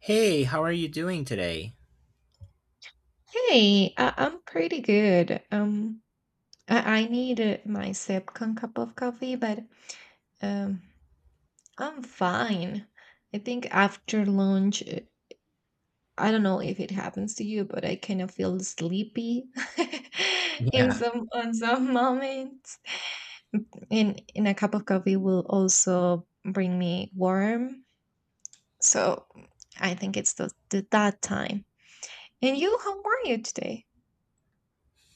Hey, how are you doing today? Hey, I'm pretty good. I need my second cup of coffee, but um, I'm fine. I think after lunch, I don't know if it happens to you, but I kind of feel sleepy in Yeah. some on some moments. And a cup of coffee will also bring me warm. So I think it's the that time. And you, how are you today?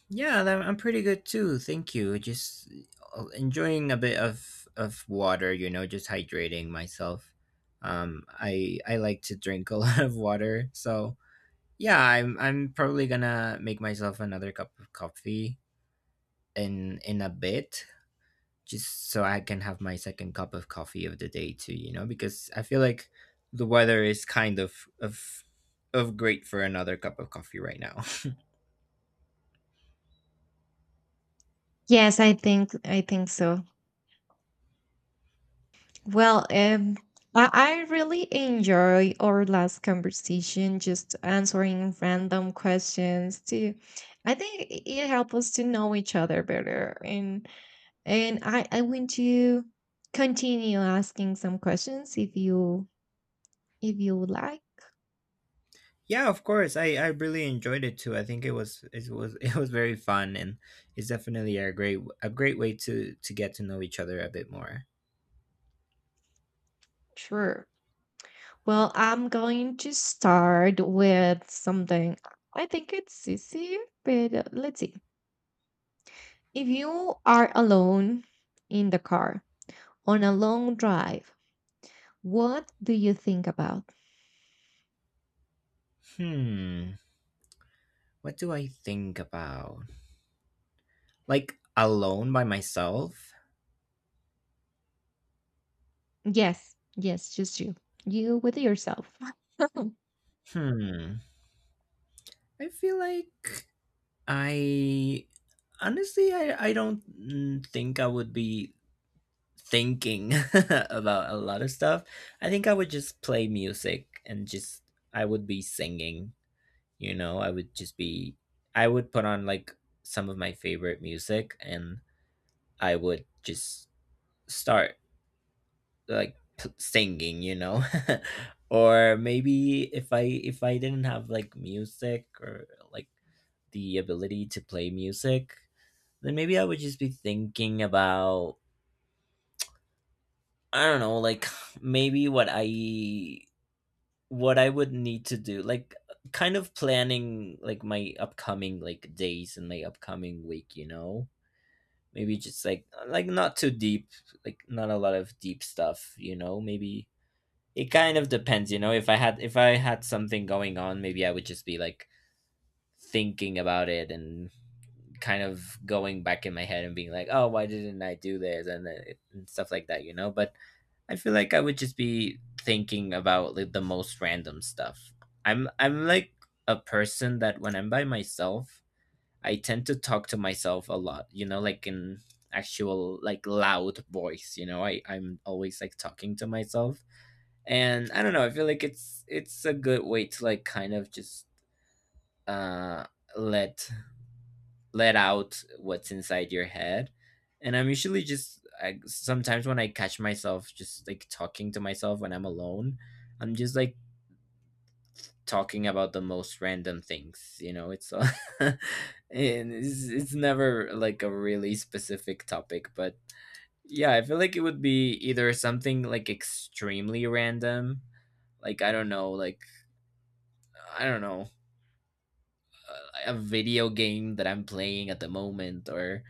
Yeah, I'm pretty good too. Thank you. Just enjoying a bit of water, just hydrating myself. I like to drink a lot of water. So, yeah, I'm probably gonna make myself another cup of coffee in a bit, just so I can have my second cup of coffee of the day too, you know, because I feel like the weather is kind of of of great for another cup of coffee right now. Yes, I think so. Well, I, I really enjoy our last conversation, just answering random questions too. I think it helped us to know each other better, and I want to continue asking some questions if you would like. Yeah, of course. I really enjoyed it too. I think it was it was very fun, and it's definitely a great way to get to know each other a bit more. Sure. Well, I'm going to start with something. I think it's easy, but let's see. If you are alone in the car on a long drive, what do you think about? Hmm, what do I think about? Like alone by myself? Yes, yes, just you. You with yourself. Hmm, I feel like I I don't think I would be thinking about a lot of stuff. I think I would just play music and just I would be singing, you know, I would put on like some of my favorite music and I would just start like singing, you know, or maybe if i didn't have like music or like the ability to play music, then maybe I would just be thinking about, I don't know, like maybe what I would need to do, like kind of planning like my upcoming like days and my upcoming week, you know? Maybe just like not too deep, like not a lot of deep stuff, you know? Maybe it kind of depends, you know. If I had something going on, maybe I would just be like thinking about it and kind of going back in my head and being like, "Oh, why didn't I do this?" and and stuff like that, you know? But I feel like I would just be thinking about like the most random stuff. I'm like a person that when I'm by myself, I tend to talk to myself a lot, you know, like in actual like loud voice, you know. I'm always like talking to myself. And I don't know, I feel like it's a good way to like kind of just uh let let out what's inside your head. And I'm usually just sometimes when I catch myself just like talking to myself when I'm alone, I'm just like talking about the most random things. You know, it's and it's never like a really specific topic, but yeah, I feel like it would be either something like extremely random, like I don't know, I don't know, a video game that I'm playing at the moment, or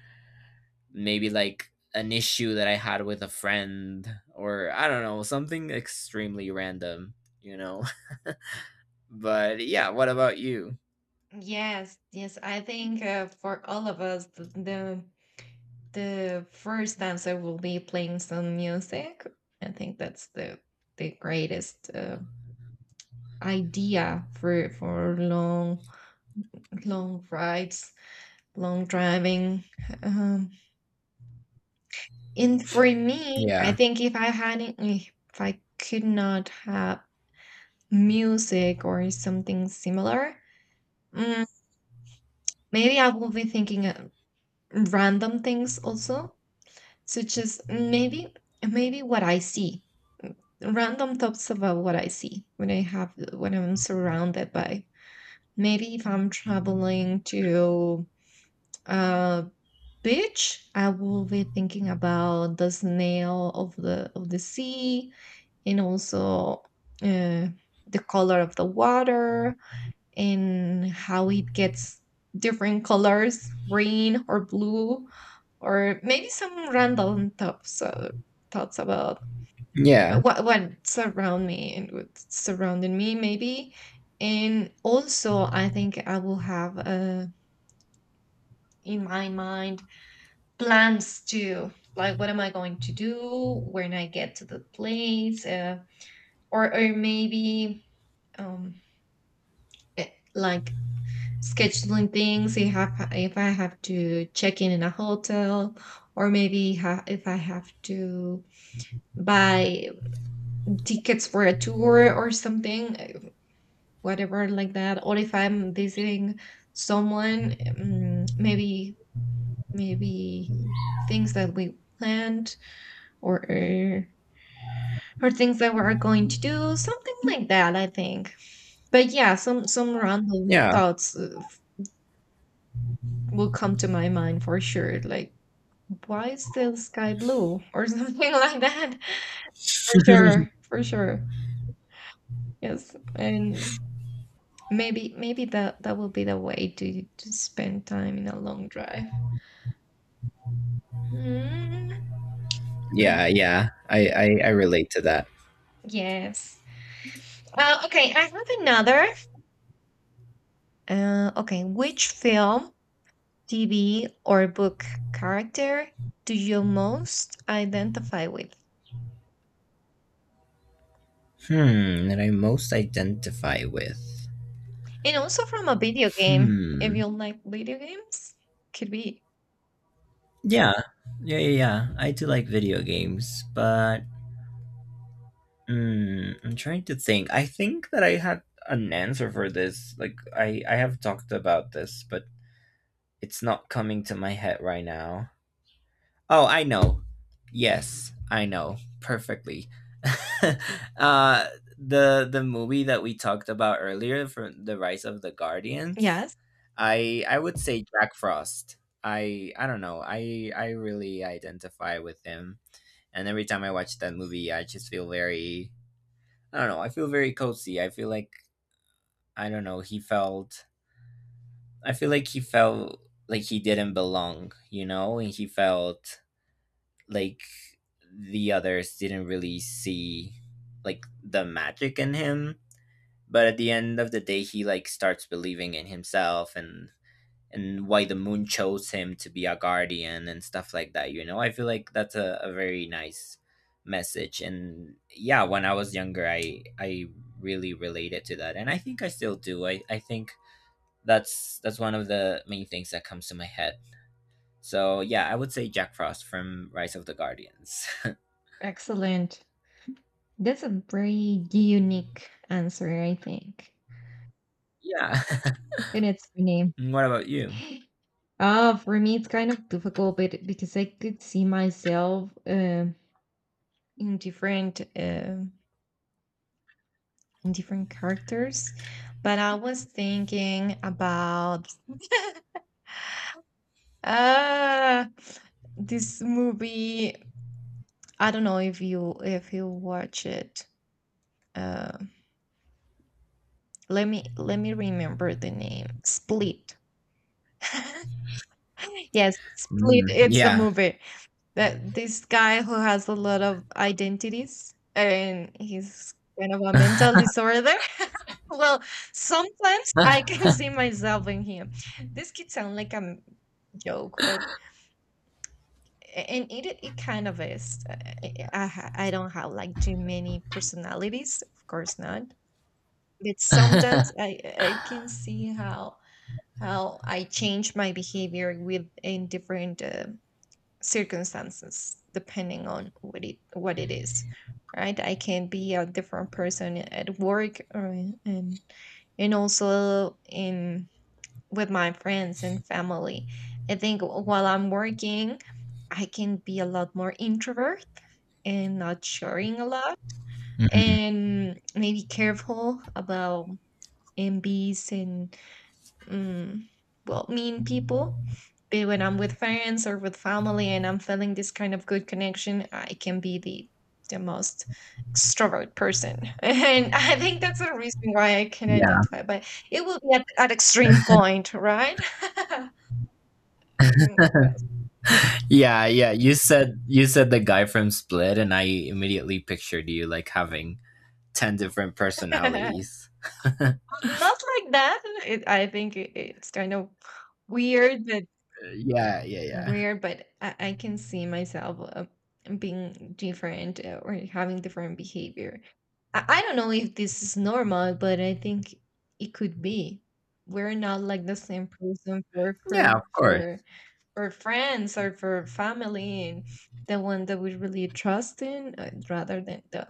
maybe like an issue that I had with a friend or I don't know, something extremely random, you know. But yeah, what about you? Yes, yes. I think for all of us, the first answer will be playing some music. I think that's the greatest idea for long rides, long driving. Um, and for me, I Yeah. think if I could not have music or something similar, Mm, maybe I will be thinking random things also, such as maybe what I see, random thoughts about what I see when I'm surrounded by. Maybe if I'm traveling to a beach, I will be thinking about the snail of the sea and also uh, the color of the water and how it gets different colors, green or blue, or maybe some random thoughts thoughts about Yeah. What's around me and what's surrounding me, maybe. And also, I think I will have in my mind plans too, like what am I going to do when I get to the place, or maybe um like scheduling things if I have to check in a hotel, or maybe if I have to buy tickets for a tour or something, whatever like that, or if I'm visiting someone, maybe things that we planned, or uh, or things that we're going to do, something like that I think. But yeah, some random Yeah. thoughts, will come to my mind for sure, like, "Why is the sky blue?" Or something like that. For sure, for sure. Yes, and maybe that that will be the way to spend time in a long drive. Mm, yeah. Yeah. I relate to that. yes. Okay, I have another. Okay, which film, TV, or book character do you most identify with? Hmm. That I most identify with. And also from a video game, if Hmm. you like video games, could be. Yeah. Yeah. Yeah. Yeah. I do like video games, but I'm trying to think. I think that I had an answer for this. Like I have talked about this, but it's not coming to my head right now. Oh, I know. Yes, I know perfectly. uh, the movie that we talked about earlier from The Rise of the Guardians. Yes, I would say Jack Frost. I don't know. I really identify with him. And every time I watch that movie, I just feel very, I don't know. I feel very cozy. I feel like I don't know. He felt. I feel like he felt like he didn't belong. You know, and he felt like the others didn't really see like the magic in him, but at the end of the day, he like starts believing in himself and why the moon chose him to be a guardian and stuff like that, you know. I feel like that's a very nice message. And yeah, when I was younger, i really related to that, and I think I still do. I think that's one of the main things that comes to my head. So yeah, I would say Jack Frost from Rise of the Guardians. excellent. That's a very unique answer, I think. yeah. And it's my name. And what about you? For me, it's kind of difficult, but because I could see myself in different um in different characters. But I was thinking about uh, this movie. I don't know if you watch it. Uh, Let me let me remember the name. Split. Yes, Split, Mm, it's the yeah. movie. That this guy who has a lot of identities and he's kind of a mental disorder. Well, sometimes I can see myself in him. This could sound like a joke, but and it kind of is. I don't have like too many personalities, of course not. But sometimes I can see how I change my behavior with in different circumstances depending on what it is, right? I can be a different person at work, or and and also in with my friends and family. I think while I'm working, I can be a lot more introvert and not sharing a lot, Mhm. and maybe careful about envies and, mm, well, mean people. But when I'm with friends or with family and I'm feeling this kind of good connection, I can be the most extrovert person and I think that's the reason why I can Yeah. identify. But it will be at extreme point, right? Yes. Yeah, yeah. You said the guy from Split, and I immediately pictured you like having 10 different personalities. Not like that. I think it's kind of weird that Yeah, yeah, yeah. weird but I can see myself being different, or having different behavior. I don't know if this is normal, but I think it could be. We're not like the same person for Yeah, of course. For friends or for family, and the one that we really trust in, rather than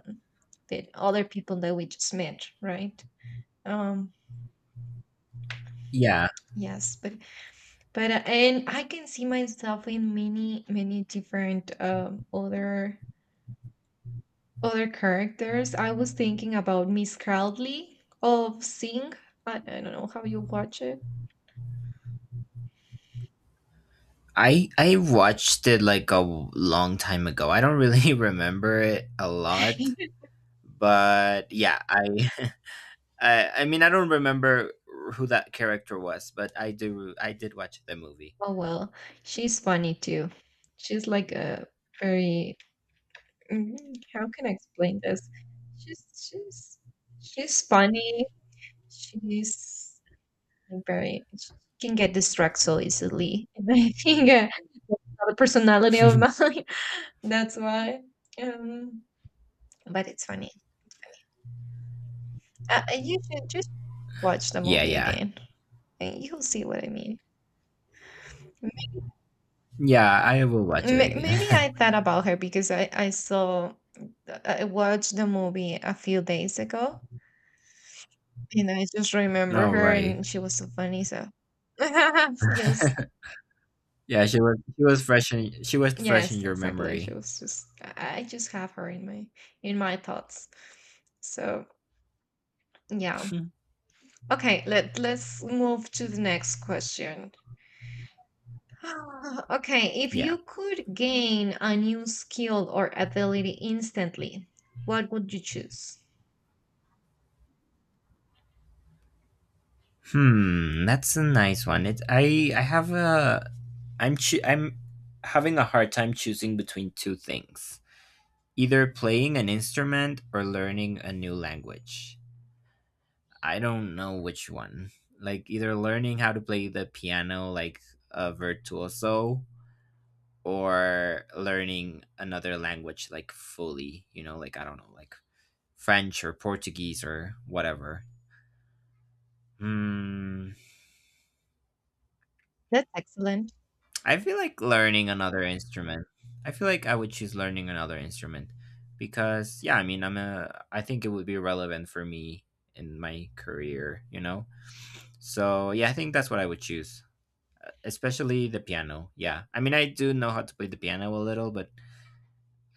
the other people that we just met, right? Um, Yeah. yes, but and I can see myself in many different other other characters. I was thinking about Miss Crowley of Sing. I don't know how you watch it. I watched it like a long time ago. I don't really remember it a lot, but yeah, I I mean, I don't remember who that character was, but I did watch the movie. Oh well, she's funny too. She's like a very, mm, how can I explain this? She's she's she's funny. She's like very, she can get distracted so easily. And I think that's another personality of mine. That's why. Um, but it's funny. You should just watch the yeah, movie yeah. again. You'll see what I mean. Yeah, I will watch it Maybe again. I thought about her because I saw, I watched the movie a few days ago and I just remember All her right. and she was so funny. So, yes, Yeah, she was she was fresh in yes, your exactly. She memory. was just, I just have her in my thoughts. So, yeah. Okay, let's move to the next question. Ah, okay, if yeah. you could gain a new skill or ability instantly, what would you choose? Hmm, that's a nice one. It's I have a I'm having a hard time choosing between two things. Either playing an instrument or learning a new language. I don't know which one. Like either learning how to play the piano like a virtuoso, or learning another language like fully, you know, like I don't know, like French or Portuguese or whatever. Hmm. That's excellent. I feel like learning another instrument. I feel like I would choose learning another instrument, because yeah, I mean, I think it would be relevant for me in my career, you know. So, yeah, I think that's what I would choose. Especially the piano. Yeah. I mean, I do know how to play the piano a little, but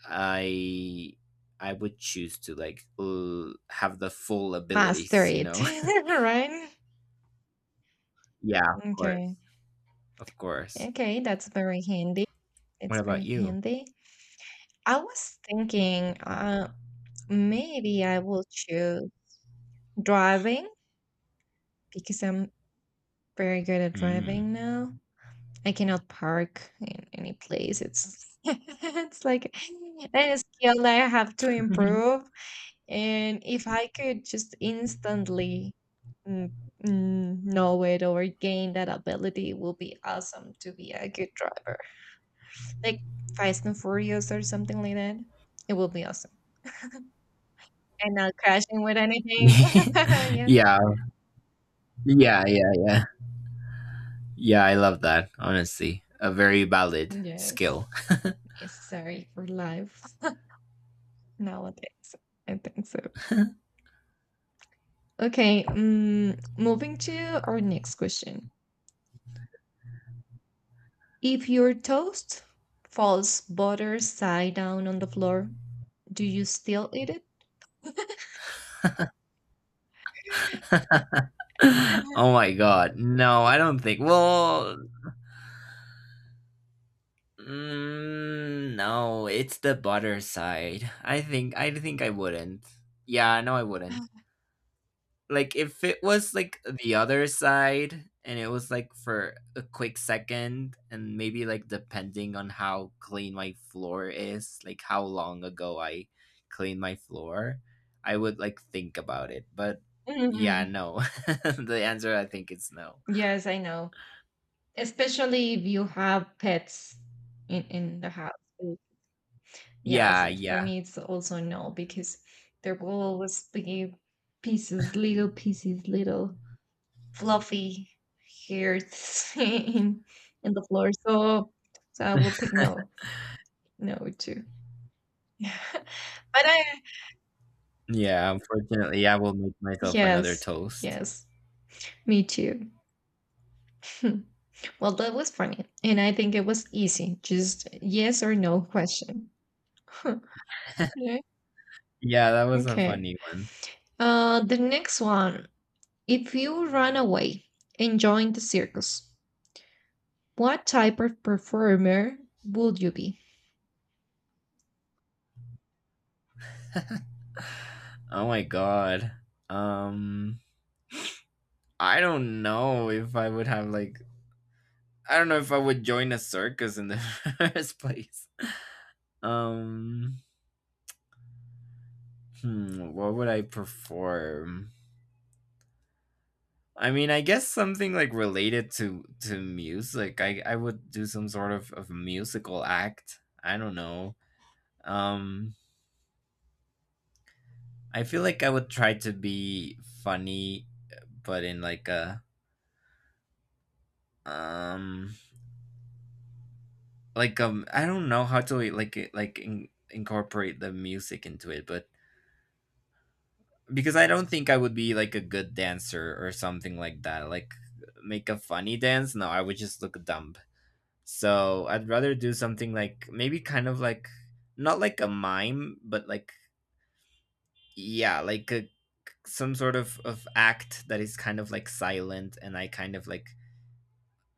I I would choose to like have the full Master abilities, you it, know. right? yeah, of Okay. course. Of course. Okay, that's very handy. What It's about very you? handy. I was thinking maybe I will choose driving because I'm very good at Mm. driving now. I cannot park in any place. It's it's like a skill that I have to improve. And if I could just instantly mm, know it or gain that ability, it would be awesome to be a good driver. Like Fast and Furious or something like that. It would be awesome. And not crashing with anything. yeah, Yes. yeah, yeah. Yeah, I love that, honestly. A very valid Yes. skill. Necessary for life nowadays. I think so. Okay. Moving to our next question. If your toast falls butter side down on the floor, do you still eat it? oh my god. No, I don't think. Well, no, it's the butter side. I think I wouldn't. Yeah, no, I wouldn't. Like if it was like the other side and it was like for a quick second, and maybe like depending on how clean my floor is, like how long ago I cleaned my floor, I would like think about it, but yeah, Mhm. no, the answer, I think, is no. Yes, I know. Especially if you have pets in the house. Mm. Yeah, Yeah. so for yeah me it's also no, because there will always be pieces, little fluffy hairs in the floor. So so I will pick no, no too. But I, yeah unfortunately I will make myself another yes, toast. yes, me too. Hmm. Well, that was funny. And I think it was easy. Just yes or no question. Huh. Yeah. Yeah, that was a Okay. funny one. The next one. If you ran away and joined the circus, what type of performer would you be? Oh my god, um I don't know if I would have like I don't know if I would join a circus in the first place. Um, hmm, what would I perform? I mean, I guess something like related to music. I would do some sort of musical act. I don't know. Um, I feel like I would try to be funny, but in like a um, like I don't know how to incorporate the music into it, but because I don't think I would be like a good dancer or something like that. Like make a funny dance. No, I would just look dumb. So I'd rather do something like maybe kind of like not like a mime, but like yeah, like a some sort of act that is kind of like silent, and I kind of like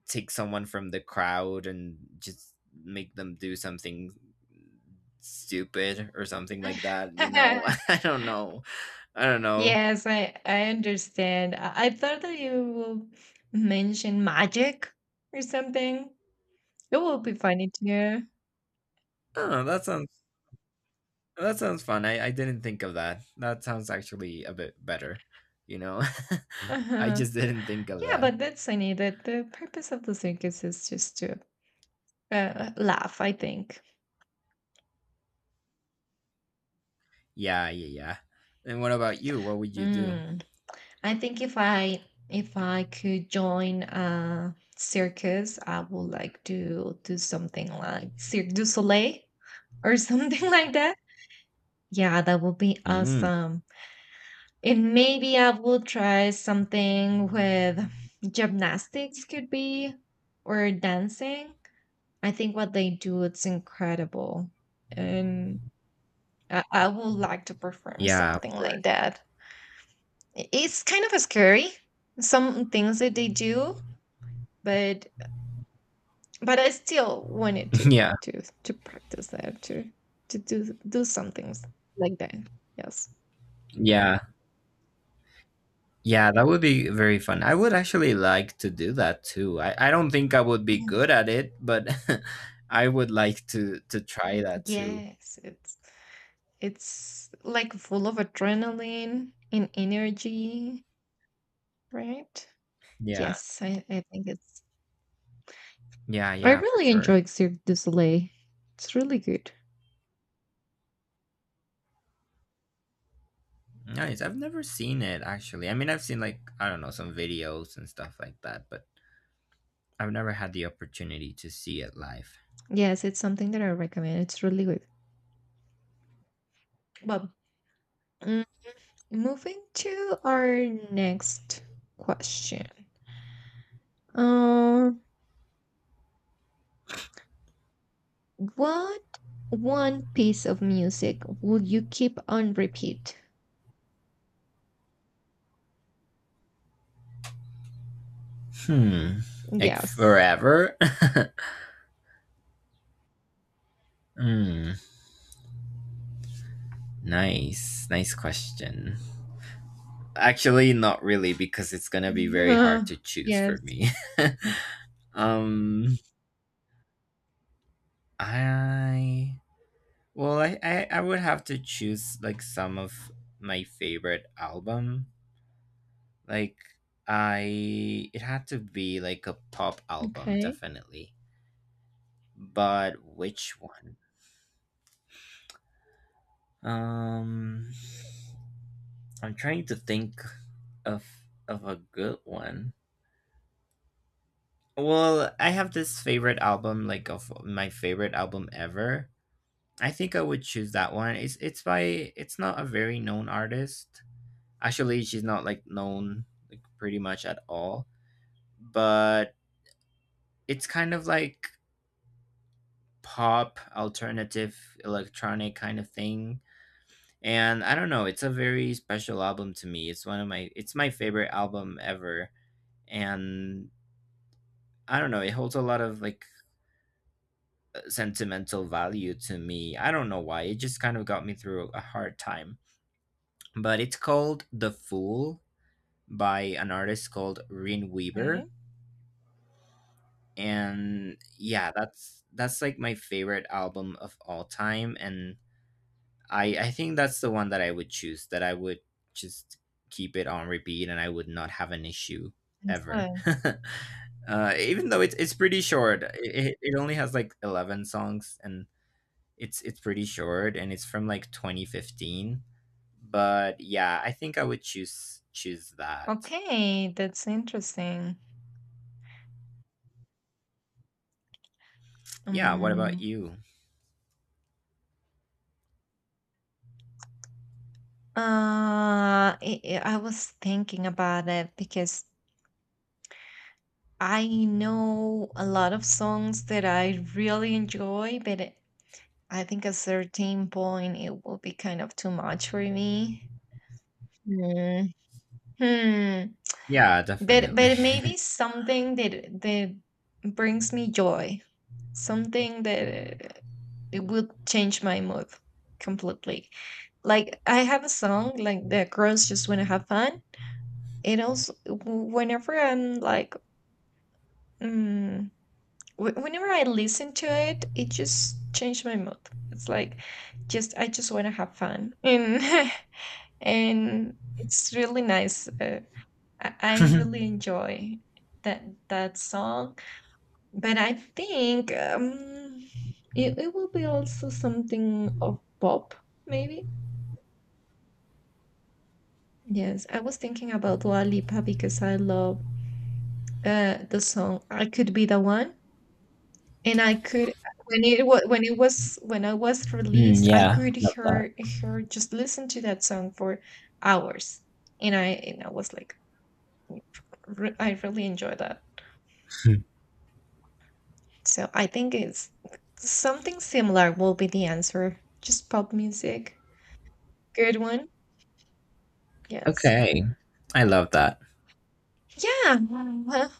take someone from the crowd and just make them do something stupid or something like that. You know, I don't know. I don't know. Yes, I understand. I thought that you will mention magic or something. It will be funny to hear. Oh, that sounds Oh, that sounds fun. I didn't think of that. That sounds actually a bit better, you know? I Uh-huh. just didn't think of Yeah, that. but that's funny. That the purpose of the circus is just to laugh, I think. Yeah, yeah, yeah. And what about you? What would you do? Mm. I think if I could join a circus, I would like to do something like Cirque du Soleil or something like that. Yeah, that would be Mm, awesome. And maybe I will try something with gymnastics, could be, or dancing. I think what they do, it's incredible. And I would like to perform yeah, of something like course. that. It's kind of scary, some things that they do, but I still wanted to yeah, to practice that, to do some things like that. Yes. yeah. Yeah, that would be very fun. I would actually like to do that too. I don't think I would be Yeah. good at it, but I would like to try that too. Yes, it's like full of adrenaline and energy, right? Yeah. Yes, I think it's, Yeah, I yeah, for really sure. enjoy Cirque du Soleil, it's really good. Nice. I've never seen it actually. I mean, I've seen like I don't know, some videos and stuff like that, but I've never had the opportunity to see it live. Yes, it's something that I recommend, it's really good. Well, moving to our next question. Um, what one piece of music would you keep on repeat? Hmm. Like Yes. forever? Hmm. Nice. Nice question. Actually, not really, because it's gonna be Mhm. very hard to choose Yes. for me. um, I. Well, I would have to choose like some of my favorite album. Like, I. It had to be like a pop album, Okay. definitely. But which one? Um, I'm trying to think of a good one. Well, I have this favorite album, like of my favorite album ever. I think I would choose that one. It's not a very known artist. Actually, she's not like known like pretty much at all. But it's kind of like pop, alternative, electronic kind of thing. And I don't know, it's a very special album to me. It's my favorite album ever. And I don't know, it holds a lot of sentimental value to me. I don't know why, it just kind of got me through a hard time. But it's called The Fool by an artist called Rin Weaver. Okay. And yeah, that's like my favorite album of all time. And I think that's the one that I would choose, that I would just keep it on repeat and I would not have an issue ever. Excellent. Even though it's pretty short. It only has like 11 songs. And it's pretty short and it's from like 2015. But yeah, I think I would choose that. Okay, that's interesting. Yeah, what about Um, you? I I was thinking about it because I know a lot of songs that I really enjoy, but I think a certain point it will be kind of too much for me. Mm, Hmm. Yeah, definitely. But maybe something that brings me joy, something that it will change my mood completely. Like I have a song like "The Girls Just Want to Have Fun." It also whenever I'm like, mm, whenever I listen to it, it just changed my mood. It's like, just, I just want to have fun, and and it's really nice. I mm, really enjoy that song. But I think it, it will be also something of pop, maybe. Yes, I was thinking about Dua Lipa because I love the song "I Could Be the One," and I could when it was when I was released, I yeah, could love that. hear her, just listen to that song for hours, and I was like, I really enjoy that. So I think it's something similar will be the answer. Just pop music. Good one. Yes. Okay. I love that. Yeah. Well,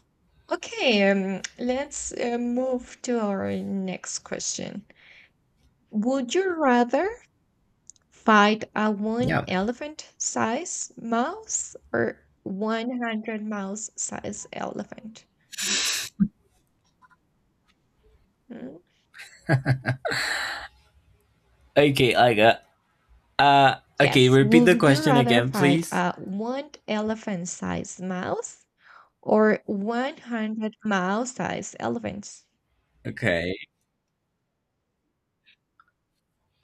okay. Let's move to our next question. Would you rather fight a one Yeah. elephant size mouse or 100 mouse size elephant? Hmm? Okay, I got okay, Yes. repeat the Would you question rather again, fight please. a one elephant size mouse or 100 mile-sized elephants? Okay.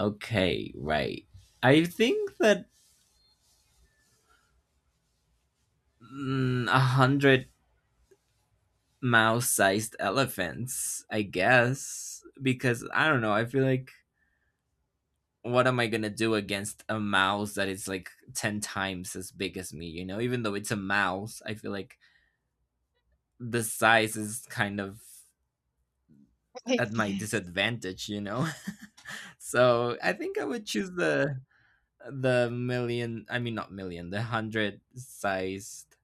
Okay, right. I think that, a hundred mouse sized elephants, I guess. Because I don't know, I feel like what am I gonna do against a mouse that is like 10 times as big as me? You know, even though it's a mouse, I feel like the size is kind of at my Yes. disadvantage. You know, so I think I would choose the million. I mean, not million. The hundred sized,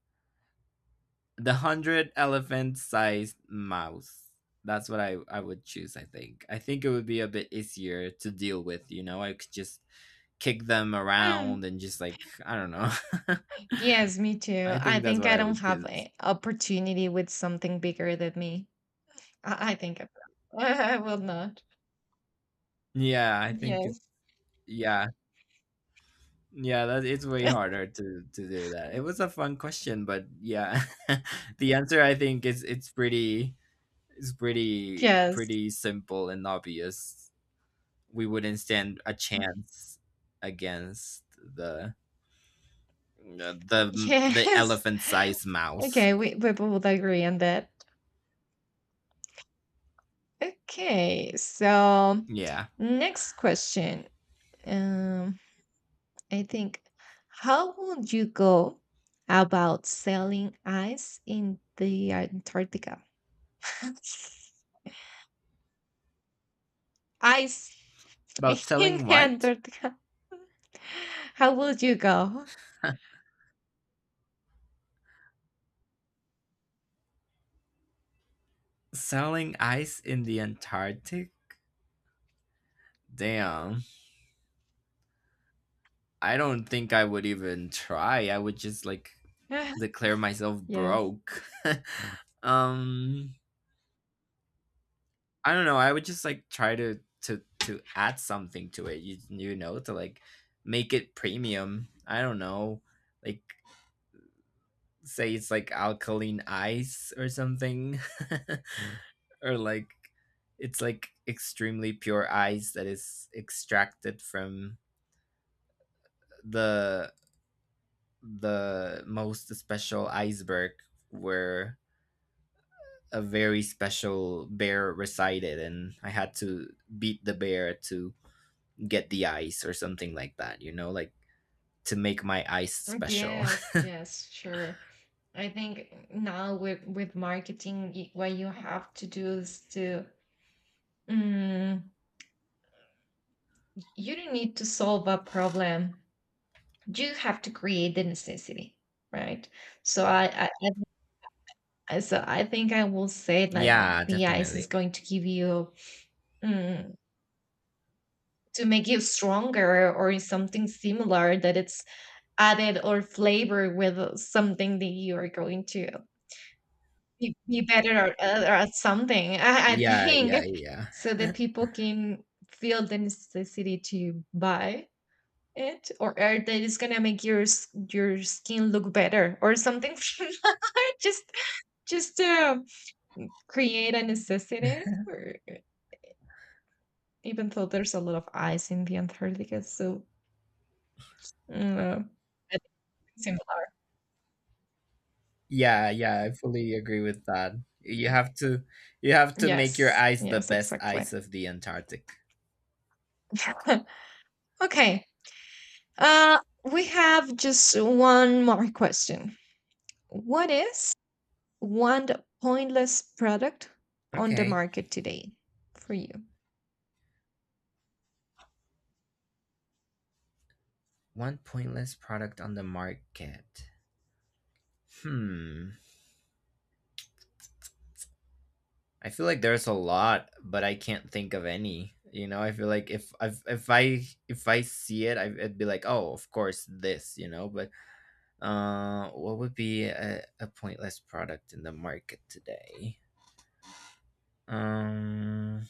the hundred elephant sized mouse. That's what I would choose, I think. I think it would be a bit easier to deal with, you know? I could just kick them Hmm. around and just like, I don't know. Yes, me too. I I think that's think what I I don't would have choose. an opportunity with something bigger than me. I think I will. I will not. Yeah, I think it's, Yes. yeah, yeah. That it's way harder to do that. It was a fun question, but yeah, the answer I think is it's Yes. pretty simple and obvious. We wouldn't stand a chance against the Yes. elephant sized mouse. Okay, we both agree on that. Okay, so Yeah. next question. Um, I think, how would you go about selling ice in the Antarctica? Ice About in selling what? Antarctica. How would you go? Selling ice in the Antarctic? Damn. I don't think I would even try. I would just like declare myself Yes. broke. um I don't know. I would just like try to add something to it. You know, to like make it premium. I don't know. Like, say it's like alkaline ice or something. Or like it's like extremely pure ice that is extracted from the the most special iceberg where a very special bear resided, and I had to beat the bear to get the ice or something like that. You know, like, to make my ice special. Yes, yes, sure. I think now with marketing, what you have to do is to, mm, you don't need to solve a problem. You have to create the necessity, right? So So I think I will say like Yeah, the ice is definitely. going to give you, mm, to make you stronger or something similar, that it's added or flavored with something that you are going to be better at something. I Yeah, yeah, think yeah. so that people can feel the necessity to buy it, or that it's gonna make your your skin look better or something similar, just just to create a necessity. Even though there's a lot of ice in the Antarctica, so, I think it's similar. Yeah, yeah, I fully agree with that. You have to, you have to make your Yes, ice the yes, best exactly. ice of the Antarctic. Okay, uh, we have just one more question. What is one pointless product on the Okay. market today for you? One pointless product on the market. Hmm. I feel like there's a lot, but I can't think of any. You know, I feel like if I see it, I'd be like, oh, of course, this. You know, but what would be a pointless product in the market today? Um,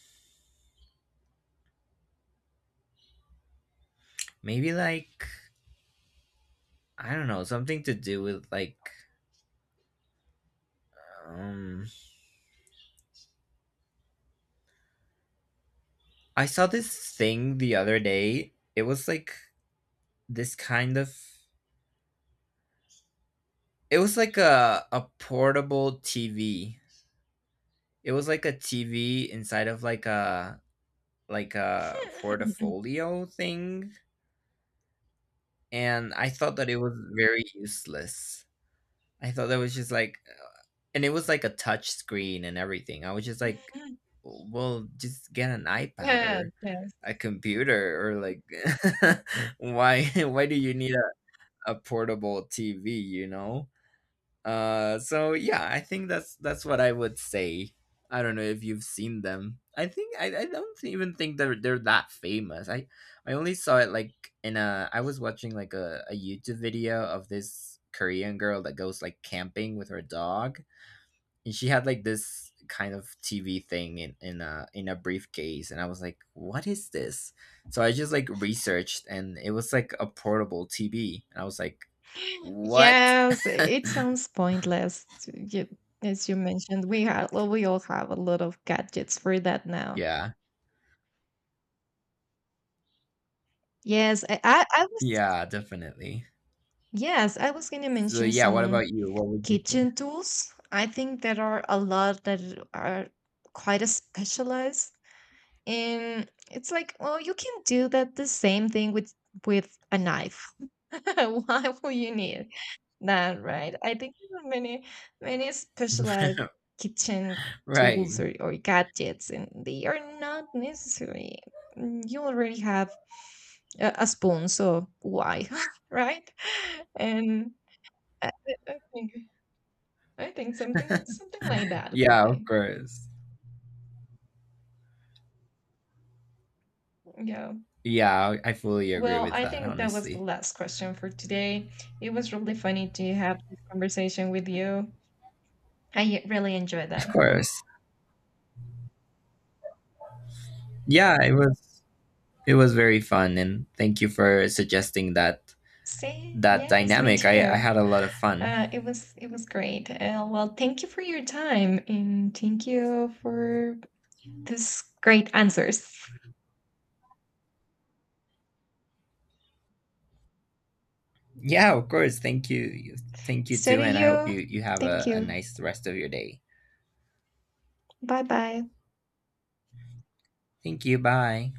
maybe like, I don't know, something to do with like, um. I saw this thing the other day. It was like this kind of. It was like a portable TV. It was like a TV inside of like a, like a portfolio thing. And I thought that it was very useless. I thought that was just like, and it was like a touch screen and everything. I was just like, well, just get an iPad Yeah, or yes. a computer or like, why, why do you need a portable TV, you know? So yeah, I think that's what I would say. I don't know if you've seen them. I think I don't even think they're that famous. I only saw it like in a, I was watching like a YouTube video of this Korean girl that goes like camping with her dog, and she had like this kind of TV thing in a briefcase, and I was like, what is this? So I just like researched, and it was like a portable TV, and I was like, what? Yes, it sounds pointless. You, as you mentioned, we have, well, we all have a lot of gadgets for that now. Yeah. Yes, I was, Yeah, definitely. yes, I was gonna So mention yeah, what some about you? What would you say? kitchen tools. I think there are a lot that are quite a specialized, and it's like, well, you can do that the same thing with a knife. Why would you need that, right? I think there are many many specialized kitchen Right. tools, or gadgets, and they are not necessary. You already have a spoon, so why? Right? And I, I think something something like that will Yeah, of be, course. yeah. Yeah, I fully agree Well, with I that, think that was the honestly. last question for today. It was really funny to have this conversation with you. I really enjoyed that. Of course. Yeah, it was, it was very fun, and thank you for suggesting that See, that yes, me dynamic. I too. had a lot of fun. It was it was great. Well, thank you for your time and thank you for these great answers. Yeah, of course. Thank you. Thank you So too, do and I hope you. you have Thank a you. nice rest of your day. Bye bye. Thank you. Bye.